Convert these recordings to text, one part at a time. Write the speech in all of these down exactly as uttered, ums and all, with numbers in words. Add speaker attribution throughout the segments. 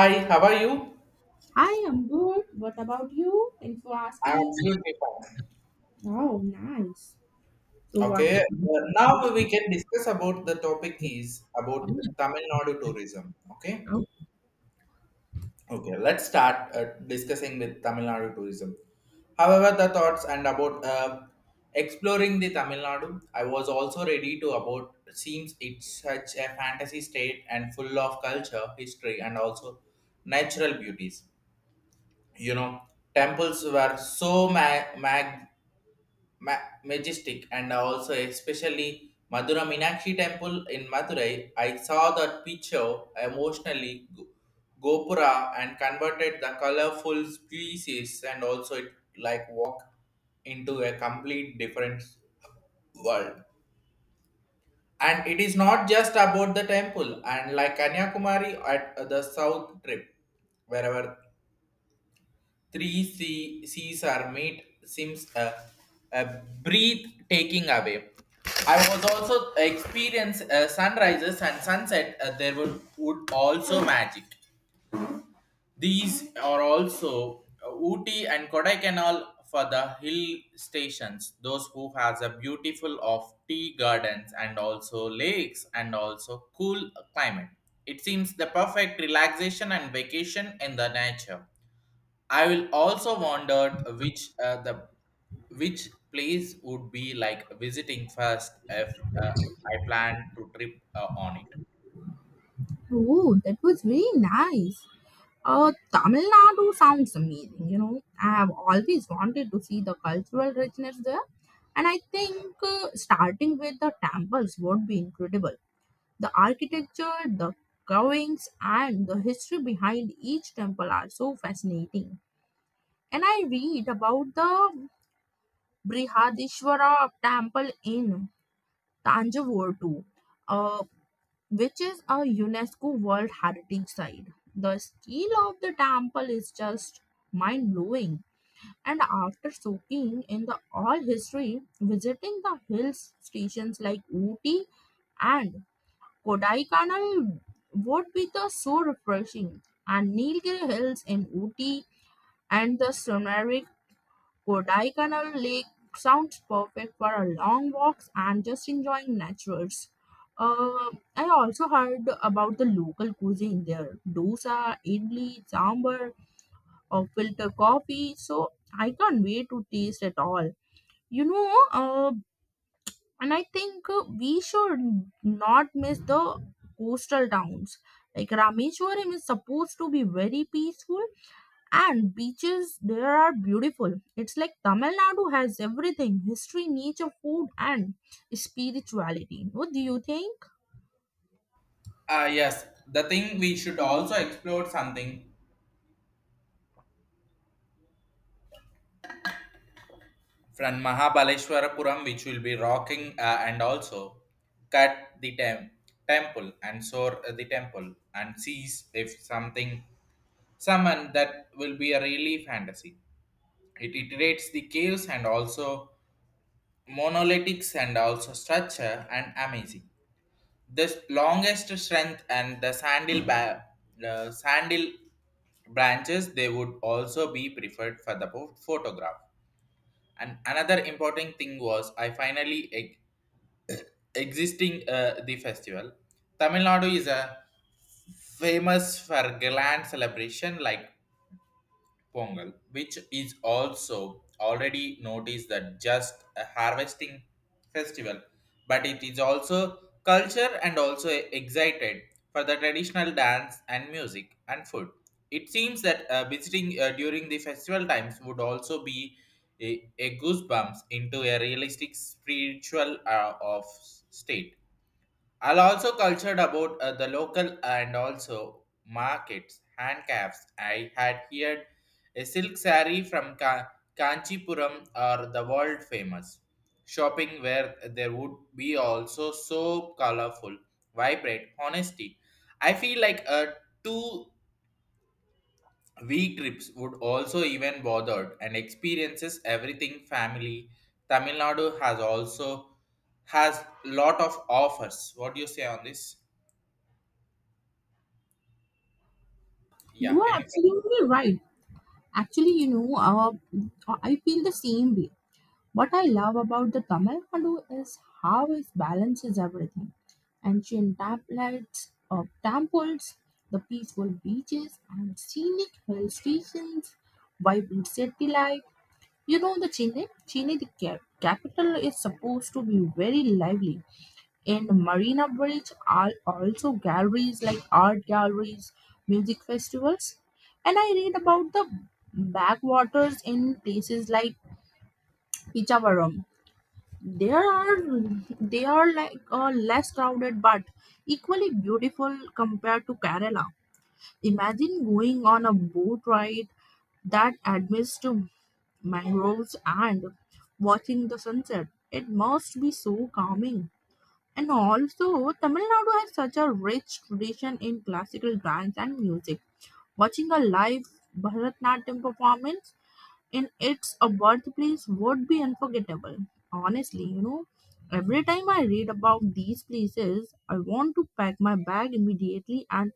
Speaker 1: Hi, how are you?
Speaker 2: Hi, I'm good. What about you? Thanks for
Speaker 1: I'm
Speaker 2: asking.
Speaker 1: absolutely fine.
Speaker 2: Oh, nice. So, what?
Speaker 1: Okay, uh, now we can discuss about the topic is about Tamil Nadu tourism. Okay, okay, let's start uh, discussing with Tamil Nadu tourism. However, the thoughts and about uh, exploring the Tamil Nadu, I was also ready to about seems it's such a fantasy state and full of culture, history, and also natural beauties. You know, temples were so ma- mag ma- majestic and also especially Madura Minakshi temple in Madurai. I saw that picture emotionally go- Gopura and converted the colorful pieces and also it like walk into a complete different world. And it is not just about the temple and like Kanyakumari at the south trip wherever three C- C's are meat seems a, a breath taking away. I was also experience uh, sunrises and sunset. Uh, there were would also magic. These are also uh, Ooty and Kodaikanal for the hill stations. Those who has a beautiful of tea gardens and also lakes and also cool climate. It seems the perfect relaxation and vacation in the nature. I will also wondered which uh, the which place would be like visiting first if uh, I plan to trip uh, on it.
Speaker 2: Oh, that was very nice. Uh, Tamil Nadu sounds amazing. You know, I have always wanted to see the cultural richness there, and I think uh, starting with the temples would be incredible. The architecture, the carvings, and the history behind each temple are so fascinating. And I read about the Brihadishwara Temple in Tanjavur too, uh, which is a UNESCO World Heritage Site. The scale of the temple is just mind blowing. And after soaking in the all history, visiting the hill stations like Ooty and Kodaikanal would be the so refreshing. And Nilgiri Hills in Ooty and the scenery Kodaikanal Lake sounds perfect for a long walks and just enjoying natures. Uh, I also heard about the local cuisine there dosa, idli, sambar, or filter coffee. So I can't wait to taste it all. You know, uh, and I think uh, we should not miss the coastal towns. Like Rameshwaram is supposed to be very peaceful, and beaches there are beautiful. It's like Tamil Nadu has everything: history, nature, food, and spirituality. What do you think?
Speaker 1: Ah yes, the thing we should also explore something from Mahabaleshwarapuram, which will be rocking uh, and also cut the tem- temple and soar uh, the temple and sees if something someone that will be a really fantasy. It iterates the caves and also monolithic and also structure and amazing. The longest strength and the sandal ba- the sandal branches they would also be preferred for the pho- photograph. And another important thing was I finally e- existing uh, the festival. Tamil Nadu is a famous for grand celebration like Pongal, which is also already noticed that just a harvesting festival, but it is also culture and also excited for the traditional dance and music and food. It seems that uh, visiting uh, during the festival times would also be a, a goosebumps into a realistic spiritual uh, of state. I'll also cultured about uh, the local and also markets, handcrafts. I had heard a silk saree from Ka- Kanchipuram are the world famous. Shopping where there would be also so colorful, vibrant, honesty. I feel like a two week trips would also even bothered and experiences everything family. Tamil Nadu has also has lot of offers. What do you say on this? Yeah,
Speaker 2: You are
Speaker 1: can you?
Speaker 2: absolutely right. Actually, you know, uh, I feel the same way. What I love about the Tamil Nadu is how it balances everything. Ancient tablets of temples, the peaceful beaches and scenic hill stations, vibrant city life. You know the Chennai? Chennai, the cap- capital, is supposed to be very lively. And Marina Bridge are also galleries like art galleries, music festivals. And I read about the backwaters in places like Pichavaram. There are they are like uh, less crowded but equally beautiful compared to Kerala. Imagine going on a boat ride that admits to mangroves and watching the sunset. It must be so calming. And also, Tamil Nadu has such a rich tradition in classical dance and music. Watching a live Bharatanatyam performance in its a birthplace would be unforgettable. Honestly, you know, every time I read about these places, I want to pack my bag immediately, and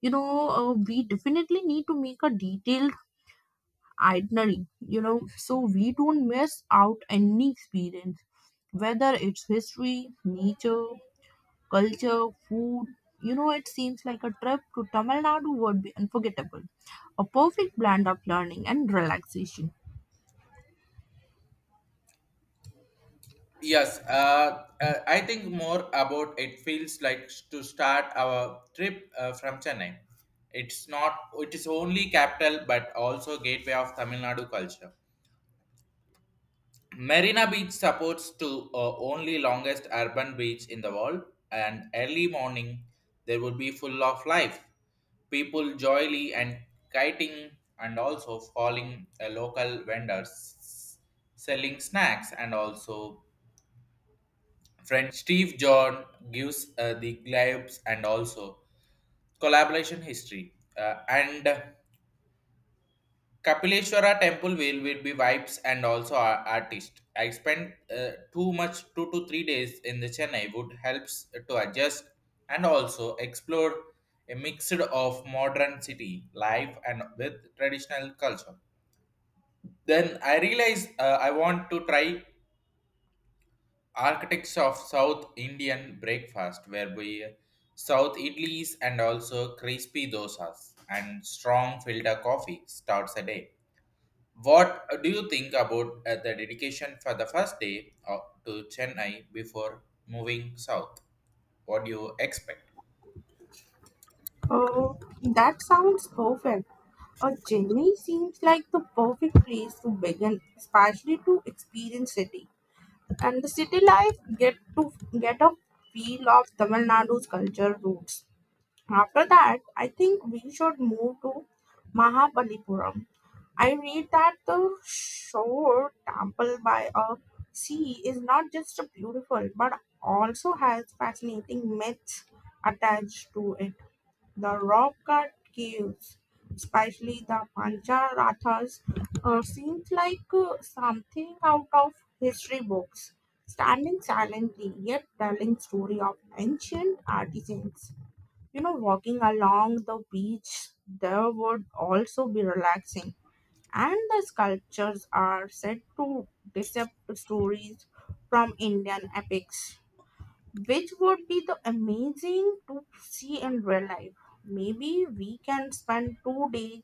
Speaker 2: you know uh, we definitely need to make a detailed itinerary, you know so we don't miss out any experience, whether it's history, nature, culture, food. You know it seems like a trip to Tamil Nadu would be unforgettable, a perfect blend of learning and relaxation.
Speaker 1: Yes, uh, uh, I think more about it feels like to start our trip uh, from Chennai. It's not, it is only capital but also gateway of Tamil Nadu culture. Marina Beach supports to uh, only longest urban beach in the world and early morning there would be full of life. People joyly and kiting and also following uh, local vendors selling snacks and also Friend Steve John gives uh, the glaives and also collaboration history. Uh, and Kapileshwara temple will, will be vibes and also our artist. I spent uh, too much two to three days in the Chennai would helps to adjust and also explore a mixed of modern city life and with traditional culture. Then I realized uh, I want to try architects of South Indian breakfast, whereby South idlis and also crispy dosas and strong filter coffee starts a day. What do you think about uh, the dedication for the first day uh, to Chennai before moving south? What do you expect?
Speaker 2: Oh, that sounds perfect. A Chennai seems like the perfect place to begin, especially to experience city, and the city life get to get a feel of Tamil Nadu's culture roots. After that, I think we should move to Mahabalipuram. I read that the shore temple by a sea is not just beautiful but also has fascinating myths attached to it. The rock cut caves, especially the Pancharathas, uh, seems like uh, something out of history books, standing silently yet telling story of ancient artisans. You know, walking along the beach there would also be relaxing. And the sculptures are said to decept stories from Indian epics, which would be the amazing to see in real life. Maybe we can spend two days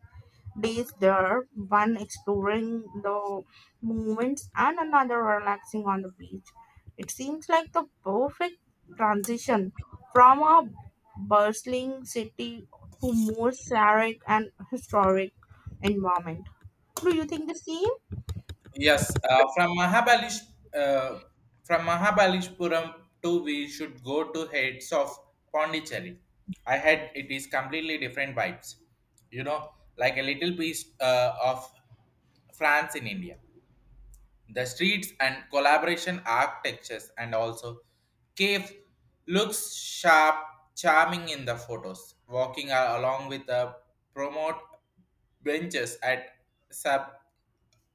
Speaker 2: days there, one exploring the movements and another relaxing on the beach. It seems like the perfect transition from a bustling city to more serene and historic environment. Do you think the same?
Speaker 1: Yes, uh, from Mahabalish, uh, from Mahabalishpuram to we should go to heads of Pondicherry. I had it is completely different vibes, you know, like a little piece uh, of France in India. The streets and collaboration architectures and also cave looks sharp, charming in the photos. Walking a- along with the promote benches at Sab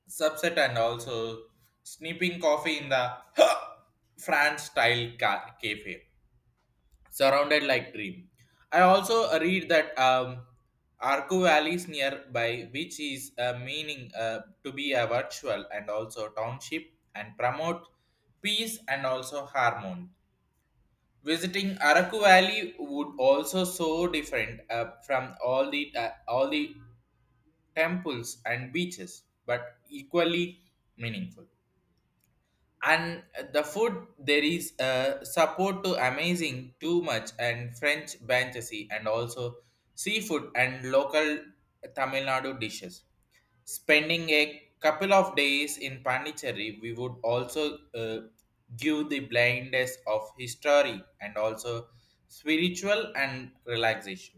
Speaker 1: subset and also snipping coffee in the France style ca- cafe, surrounded like dream. I also read that um, Arco Valley is nearby, which is uh, meaning uh, to be a virtual and also township and promote peace and also harmony. Visiting Araku Valley would also so different uh, from all the uh, all the temples and beaches, but equally meaningful. And the food there is uh, support to amazing too much and french banchasi and also seafood and local Tamil Nadu dishes, spending a couple of days in Pondicherry we would also uh, give the blindness of history and also spiritual and relaxation.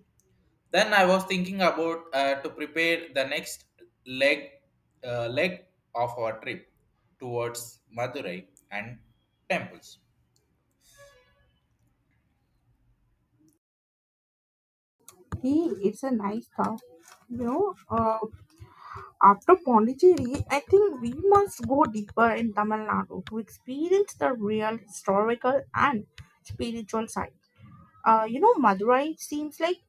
Speaker 1: Then I was thinking about uh, to prepare the next leg uh, leg of our trip towards Madurai and temples.
Speaker 2: Hey, it's a nice thought. You know, uh, After Pondicherry, I think we must go deeper in Tamil Nadu to experience the real historical and spiritual side. Uh, you know, Madurai seems like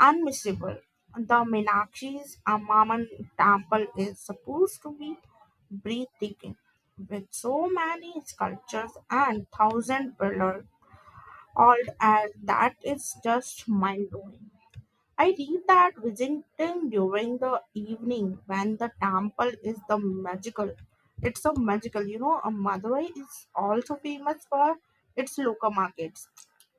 Speaker 2: unmissable. The Meenakshi's Amman temple is supposed to be breathtaking, with so many sculptures and thousand pillars, all as that is just mind blowing. I read that visiting during the evening when the temple is the magical. It's so magical, you know. uh, Madurai is also famous for its local markets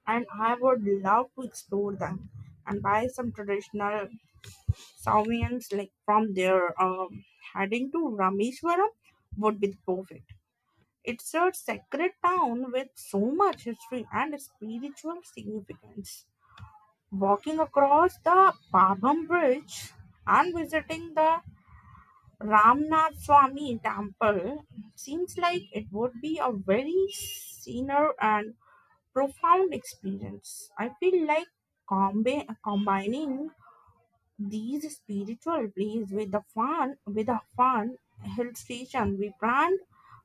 Speaker 2: and I would love to explore them and buy some traditional souvenirs like from there. Um, heading to Rameshwaram would be perfect. It's a sacred town with so much history and spiritual significance. Walking across the Babam Bridge and visiting the Ramnath Swami temple seems like it would be a very scenery and profound experience. I feel like combi- combining these spiritual breeze with the fun with a fun hill station we planned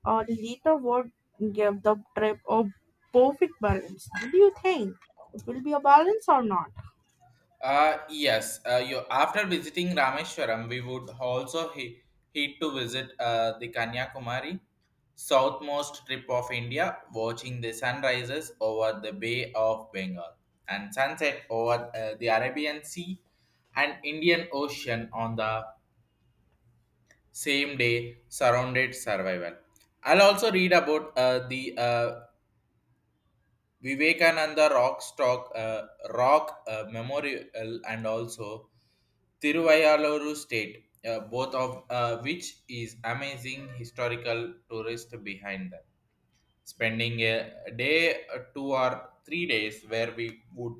Speaker 2: uh, later would give the trip a perfect balance. What do you think? It will be a balance or not?
Speaker 1: Uh, yes, uh, you, after visiting Rameshwaram, we would also he, head to visit uh, the Kanyakumari, southmost tip of India, watching the sunrises over the Bay of Bengal and sunset over uh, the Arabian Sea and Indian Ocean on the same day surrounded survival. I'll also read about uh, the uh, vivekananda rock stock uh, rock uh, memorial and also Tiruvayaluru state uh, both of uh, which is amazing historical tourist behind them, spending a day uh, two or three days where we would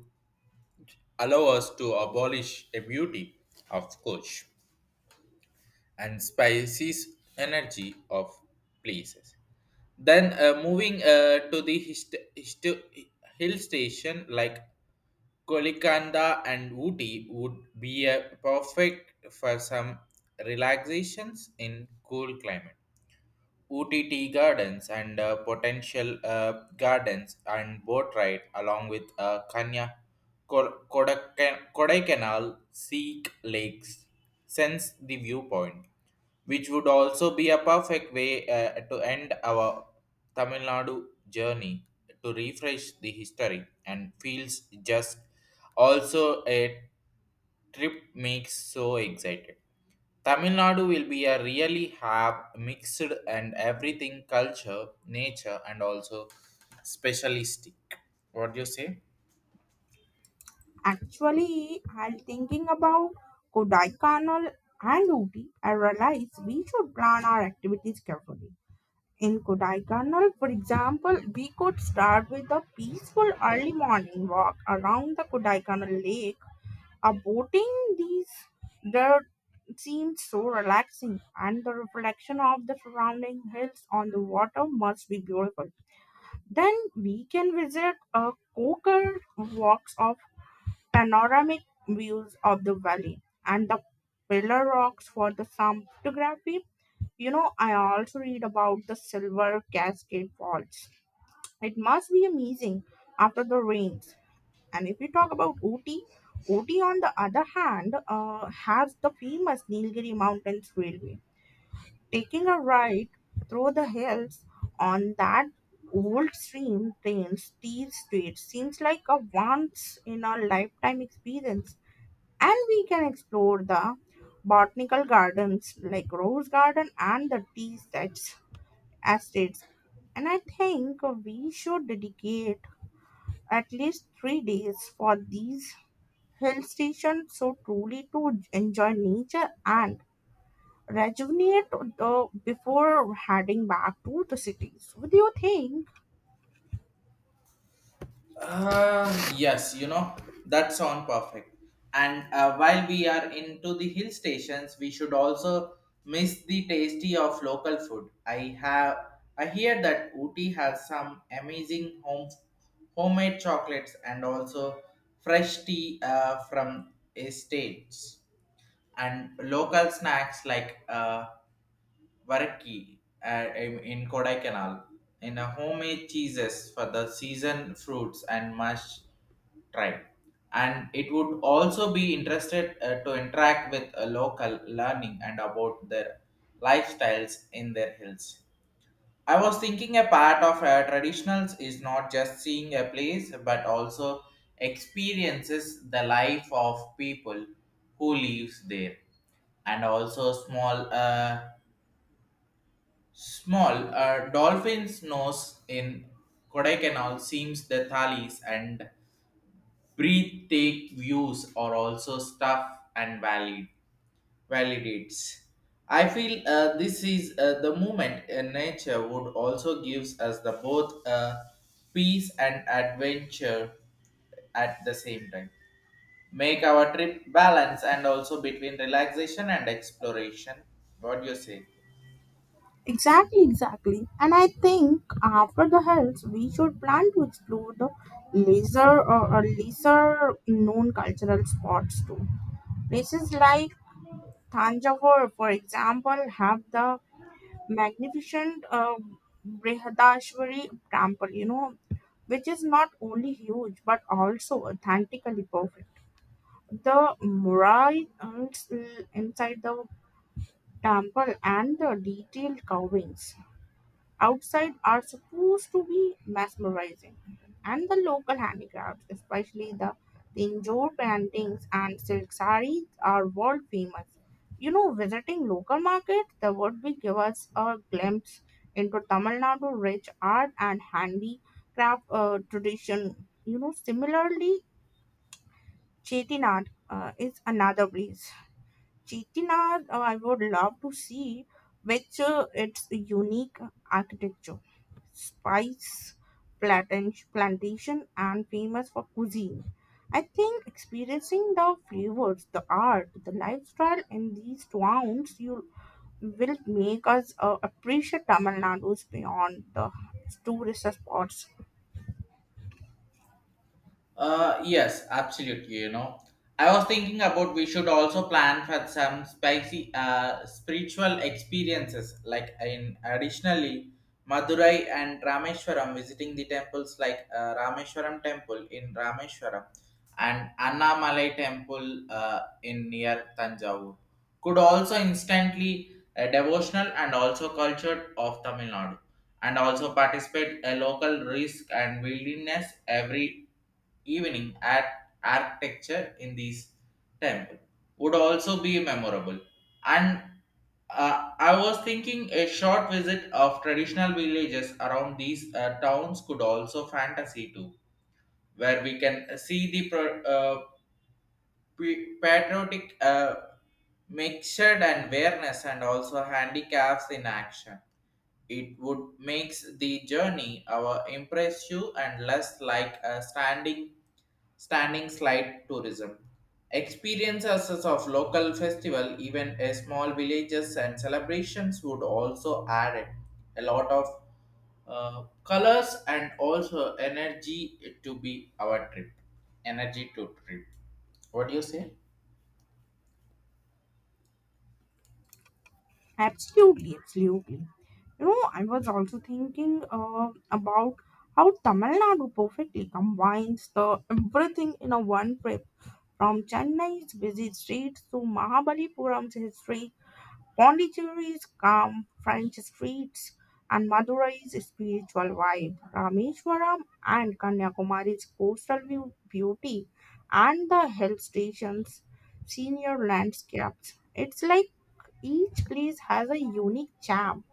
Speaker 1: allow us to abolish the beauty of coach and species energy of places. Then uh, moving uh, to the hist- hist- hill station like Kolikanda and Ooty would be uh, perfect for some relaxations in cool climate. O T T gardens and uh, potential uh, gardens and boat ride along with uh, Kanya Ko- Kodaika- Kodaikanal Seek Lakes sense the viewpoint, which would also be a perfect way uh, to end our Tamil Nadu journey to refresh the history and feels just also a trip makes so excited. Tamil Nadu will be a really have mixed and everything culture, nature, and also specialistic. What do you say?
Speaker 2: Actually, I'm thinking about Kodaikanal and Ooty. I realized we should plan our activities carefully. In Kodaikanal, for example, we could start with a peaceful early morning walk around the Kodaikanal lake. A boating these there seemed so relaxing and the reflection of the surrounding hills on the water must be beautiful. Then we can visit a Kokar walks of panoramic views of the valley and the pillar rocks for the some photography. You know, I also read about the Silver Cascade Falls. It must be amazing after the rains. And if you talk about Ooty, Ooty on the other hand uh, has the famous Nilgiri Mountains Railway. Taking a ride through the hills on that old stream trains, steel street seems like a once in a lifetime experience, and we can explore the botanical gardens like rose garden and the tea sets estates. And I think we should dedicate at least three days for these hill stations, so truly to enjoy nature and rejuvenate the before heading back to the cities. What do you think?
Speaker 1: Uh, yes, you know, that sound perfect. And uh, while we are into the hill stations, we should also miss the tasty of local food. I have I hear that Ooty has some amazing home homemade chocolates and also fresh tea uh, from estates and local snacks like uh, varaki uh, in in Kodaikanal in a homemade cheeses for the season fruits and mush tribe. And it would also be interested uh, to interact with a local learning and about their lifestyles in their hills. I was thinking a part of uh, traditionals is not just seeing a place but also experiences the life of people who lives there. And also small uh, small uh, dolphins nose in Kodaikanal seems the thalis and take views are also stuff and valid validates. I feel uh, this is uh, the moment in nature would also gives us the both uh, peace and adventure at the same time. Make our trip balance and also between relaxation and exploration. What do you say?
Speaker 2: Exactly, exactly. And I think after the hills, we should plan to explore the lesser or uh, lesser known cultural spots too. Places like Thanjavur, for example, have the magnificent uh, Brihadashwari temple, you know, which is not only huge but also authentically perfect. The murals inside the temple and the detailed carvings outside are supposed to be mesmerizing. And the local handicrafts, especially the Tinjore paintings and silk sarees, are world famous. You know, visiting local markets that would be give us a glimpse into Tamil Nadu rich art and handicraft uh, tradition. You know, similarly, Chettinad uh, is another place. Chettinad, uh, I would love to see, which uh, its unique architecture, spice plantation, plantation, and famous for cuisine. I think experiencing the flavors, the art, the lifestyle in these towns, you will make us uh, appreciate Tamil Nadu's beyond the tourist spots.
Speaker 1: Uh, yes, absolutely. You know, I was thinking about we should also plan for some spicy uh, spiritual experiences, like in additionally Madurai and Rameshwaram, visiting the temples like uh, Rameshwaram Temple in Rameshwaram and Annamalai Temple uh, in near Tanjavur could also instantly a devotional and also culture of Tamil Nadu and also participate a local risk and wilderness every evening at architecture in these temple would also be memorable. And uh, I was thinking a short visit of traditional villages around these uh, towns could also fantasy too, where we can see the pro- uh, p- patriotic uh, mixture and awareness and also handicaps in action. It would makes the journey our impressive and less like a standing standing slide tourism. Experiences of local festival, even a small villages and celebrations would also add it a lot of uh, colors and also energy to be our trip. Energy to trip. What do you say?
Speaker 2: Absolutely, absolutely. You know, I was also thinking uh, about how Tamil Nadu perfectly combines the everything in a one trip, from Chennai's busy streets to Mahabalipuram's history, Pondicherry's calm French streets, and Madurai's spiritual vibe, Rameshwaram and Kanyakumari's coastal view beauty, and the hill stations' senior landscapes. It's like each place has a unique charm,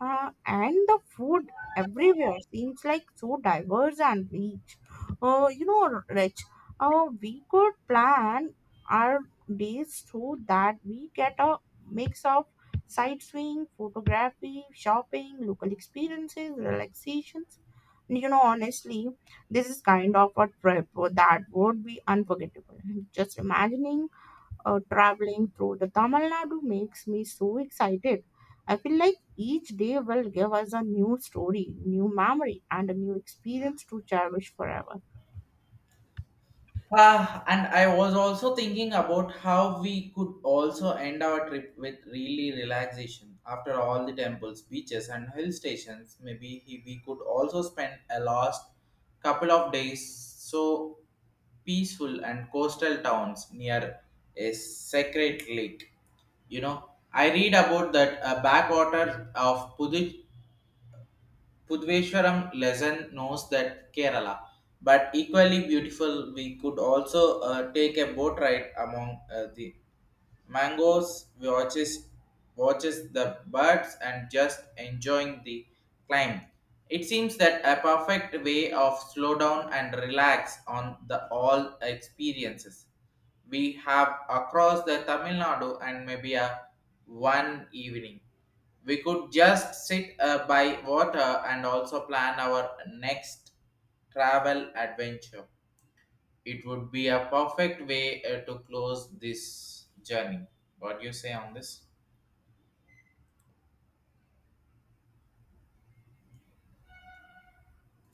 Speaker 2: uh, and the food everywhere seems like so diverse and rich. Uh, you know, rich. Uh, we could plan our days so that we get a mix of sightseeing, photography, shopping, local experiences, relaxations. You know, honestly, this is kind of a trip that would be unforgettable. Just imagining uh, traveling through the Tamil Nadu makes me so excited. I feel like each day will give us a new story, new memory, and a new experience to cherish forever.
Speaker 1: Ah, and I was also thinking about how we could also end our trip with really relaxation. After all the temples, beaches, and hill stations, maybe he- we could also spend a last couple of days so peaceful and coastal towns near a sacred lake. You know, I read about that uh, backwater of Pudu- Pudveshwaram lesson knows that Kerala, but equally beautiful, we could also uh, take a boat ride among uh, the Mangoes watches watches the birds and just enjoying the climb. It seems that a perfect way of slow down and relax on the all experiences we have across the Tamil Nadu, and maybe a one evening. We could just sit uh, by water and also plan our next travel adventure. It would be a perfect way uh, to close this journey. What do you say on this?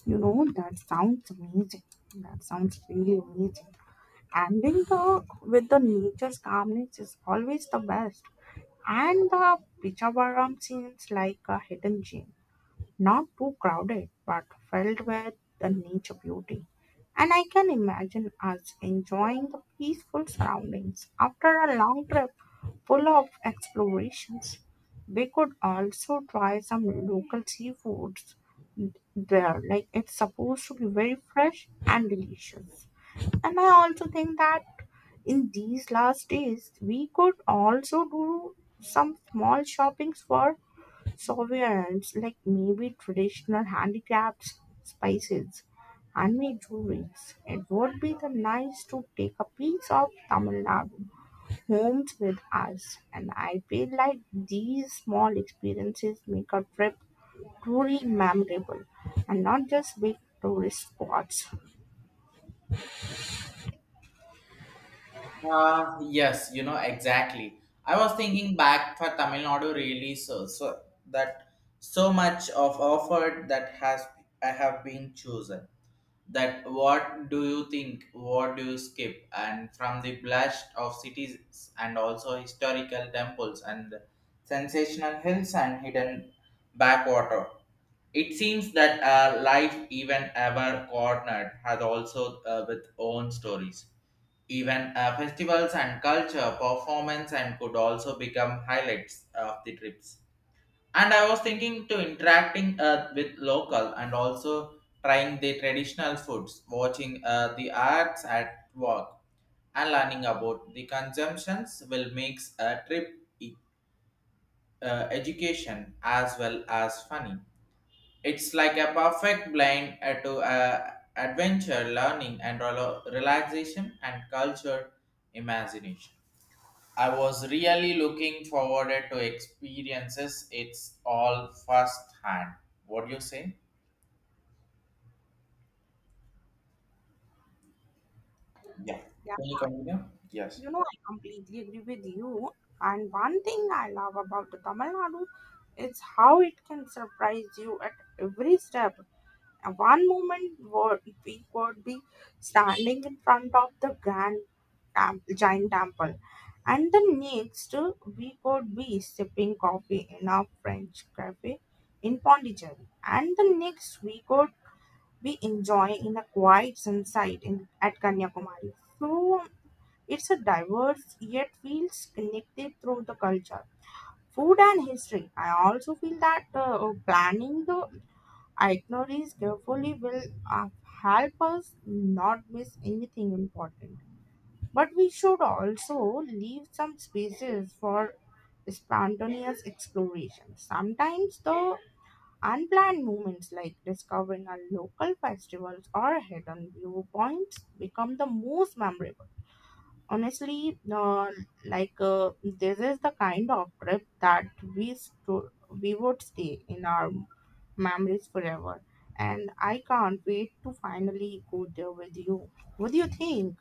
Speaker 2: You know, that sounds amazing. That sounds really amazing. Ending the, with the nature's calmness is always the best. And the Pichabaram seems like a hidden gem. Not too crowded, but filled with the nature beauty. And I can imagine us enjoying the peaceful surroundings after a long trip full of explorations. We could also try some local seafoods there. Like it's supposed to be very fresh and delicious. And I also think that in these last days, we could also do some small shoppings for souvenirs like maybe traditional handicrafts, spices, handmade jewelries. It would be the nice to take a piece of Tamil Nadu homes with us, and I feel like these small experiences make a trip truly memorable and not just big tourist spots.
Speaker 1: Uh, yes, you know, exactly. I was thinking back for Tamil Nadu really so, so that so much of offered that has I have been chosen. That what do you think? What do you skip? And from the blush of cities and also historical temples and sensational hills and hidden backwater. It seems that uh, life, even ever cornered, has also uh, with own stories. Even uh, festivals and culture, performance, and could also become highlights of the trips. And I was thinking to interacting uh, with local and also trying the traditional foods, watching uh, the arts at work, and learning about the consumptions will make a trip e- uh, education as well as funny. It's like a perfect blend uh, to uh, adventure, learning, and relo- relaxation and culture imagination. I was really looking forward to experiences. It's all first hand. What do you say? Yeah.
Speaker 2: Yeah,
Speaker 1: Can you continue? Yes.
Speaker 2: you know, I completely agree with you. And one thing I love about the Tamil Nadu is how it can surprise you at every step. Uh, One moment wo- we would be standing in front of the grand tem- giant temple, and the next uh, we could be sipping coffee in a French cafe in Pondicherry, and the next we could be enjoying in a quiet sunset in at Kanyakumari. So it's a diverse yet feels connected through the culture, food, and history. I also feel that uh, planning the Ignore carefully will uh, help us not miss anything important. But we should also leave some spaces for spontaneous exploration. Sometimes the unplanned moments like discovering a local festivals or hidden viewpoints become the most memorable. Honestly, uh, like uh, this is the kind of trip that we stu- we would stay in our memories forever. And I can't wait to finally go there with you. What do you think?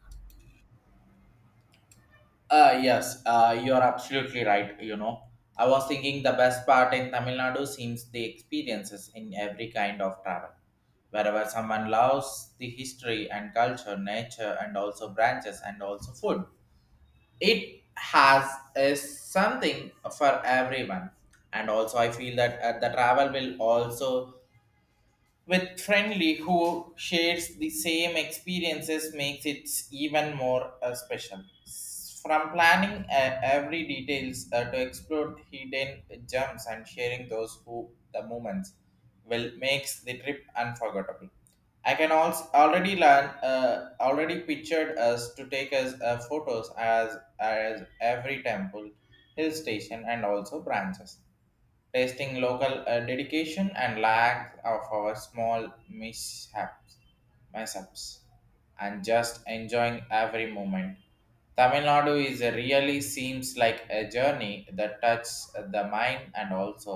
Speaker 1: Uh, yes, uh, you're absolutely right. You know, I was thinking the best part in Tamil Nadu seems the experiences in every kind of travel. Wherever someone loves the history and culture, nature, and also branches and also food, it has a something for everyone. And also, I feel that uh, the travel will also with friendly who shares the same experiences makes it even more uh, special. S- from planning uh, every details uh, to explore hidden gems and sharing those who the moments will makes the trip unforgettable. I can also already learn uh, already pictured us to take us uh, photos as as every temple hill station and also branches, tasting local uh, dedication and lack of our small mishaps, mishaps, and just enjoying every moment. Tamil Nadu is a really seems like a journey that touches the mind and also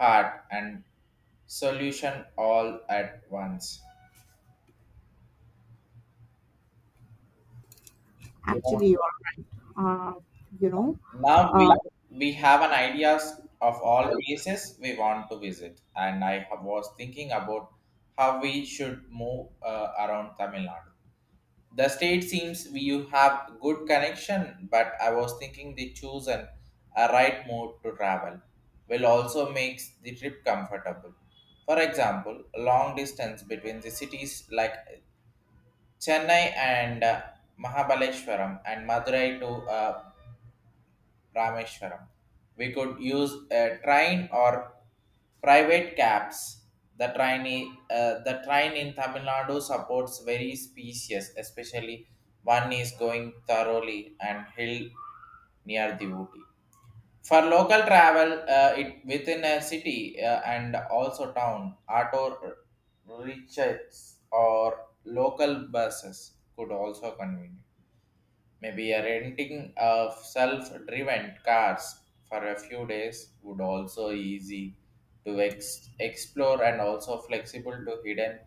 Speaker 1: heart and solution all at once. You know,
Speaker 2: Actually, you are, uh, you know,
Speaker 1: now
Speaker 2: uh,
Speaker 1: we we have an ideas of all places we want to visit, and I have- was thinking about how we should move uh, around Tamil Nadu. The state seems we you have good connection, but I was thinking they choose an a right mode to travel will also makes the trip comfortable. For example, long distance between the cities like Chennai and uh, Mahabaleshwaram and Madurai to uh, Rameshwaram. We could use a train or private cabs. The train, i- uh, the train in Tamil Nadu supports very species, especially one is going thoroughly and hill near the Ooty. For local travel, uh, it within a city uh, and also town, auto rickshaws or local buses could also convene. Maybe a renting of self-driven cars for a few days would also easy to ex- explore and also flexible to hidden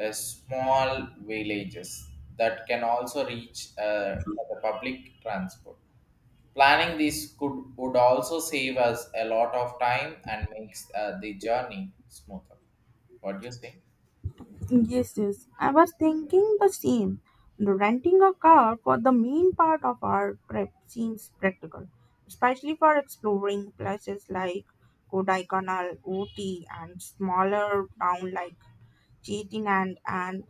Speaker 1: uh, small villages that can also reach uh, the public transport. Planning this could would also save us a lot of time and makes uh, the journey smoother. What do you think?
Speaker 2: yes, yes. I was thinking the same. Renting a car for the main part of our trip seems practical, especially for exploring places like Kodaikanal, Ooty, and smaller town like Chettinad and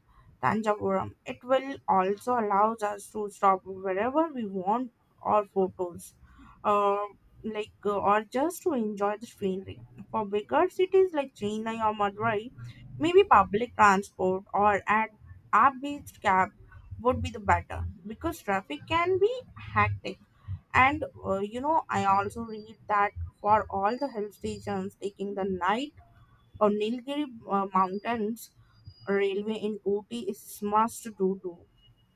Speaker 2: Tanjavur. It will also allow us to stop wherever we want our photos, uh, like uh, or just to enjoy the scenery. For bigger cities like Chennai or Madurai, maybe public transport or at app-based cab would be the better because traffic can be hectic. And uh, you know, I also read that for all the hill stations, taking the night or Nilgiri uh, mountains railway in Ooty is must do too.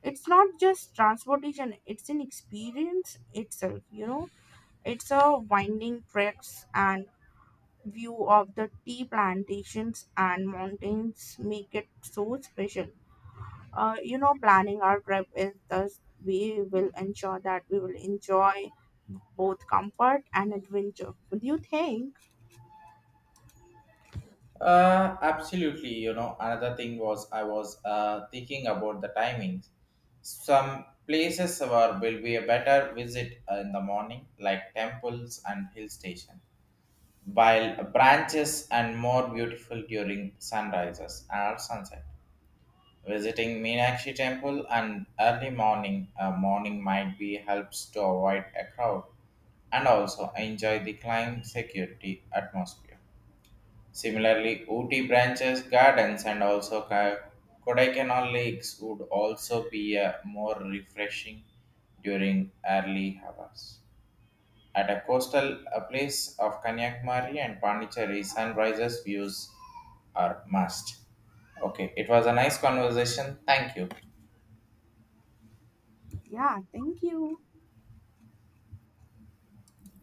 Speaker 2: It's not just transportation, it's an experience itself, you know. It's a winding tracks and view of the tea plantations and mountains make it so special. Uh, you know, planning our trip is thus we will ensure that we will enjoy both comfort and adventure. What do you think?
Speaker 1: Uh, absolutely. You know, another thing was I was uh, thinking about the timings. Some places were will be a better visit uh, in the morning, like temples and hill station, while branches and more beautiful during sunrises and sunset. Visiting Meenakshi temple and early morning uh, morning might be helps to avoid a crowd and also enjoy the climb security atmosphere. Similarly, Ooty branches, gardens, and also Ka- Kodaikanal lakes would also be uh, more refreshing during early hours. At a coastal uh, place of Kanyakumari and Pondicherry, sunrises views are must. Okay, it was a nice conversation. Thank you.
Speaker 2: Yeah, thank you.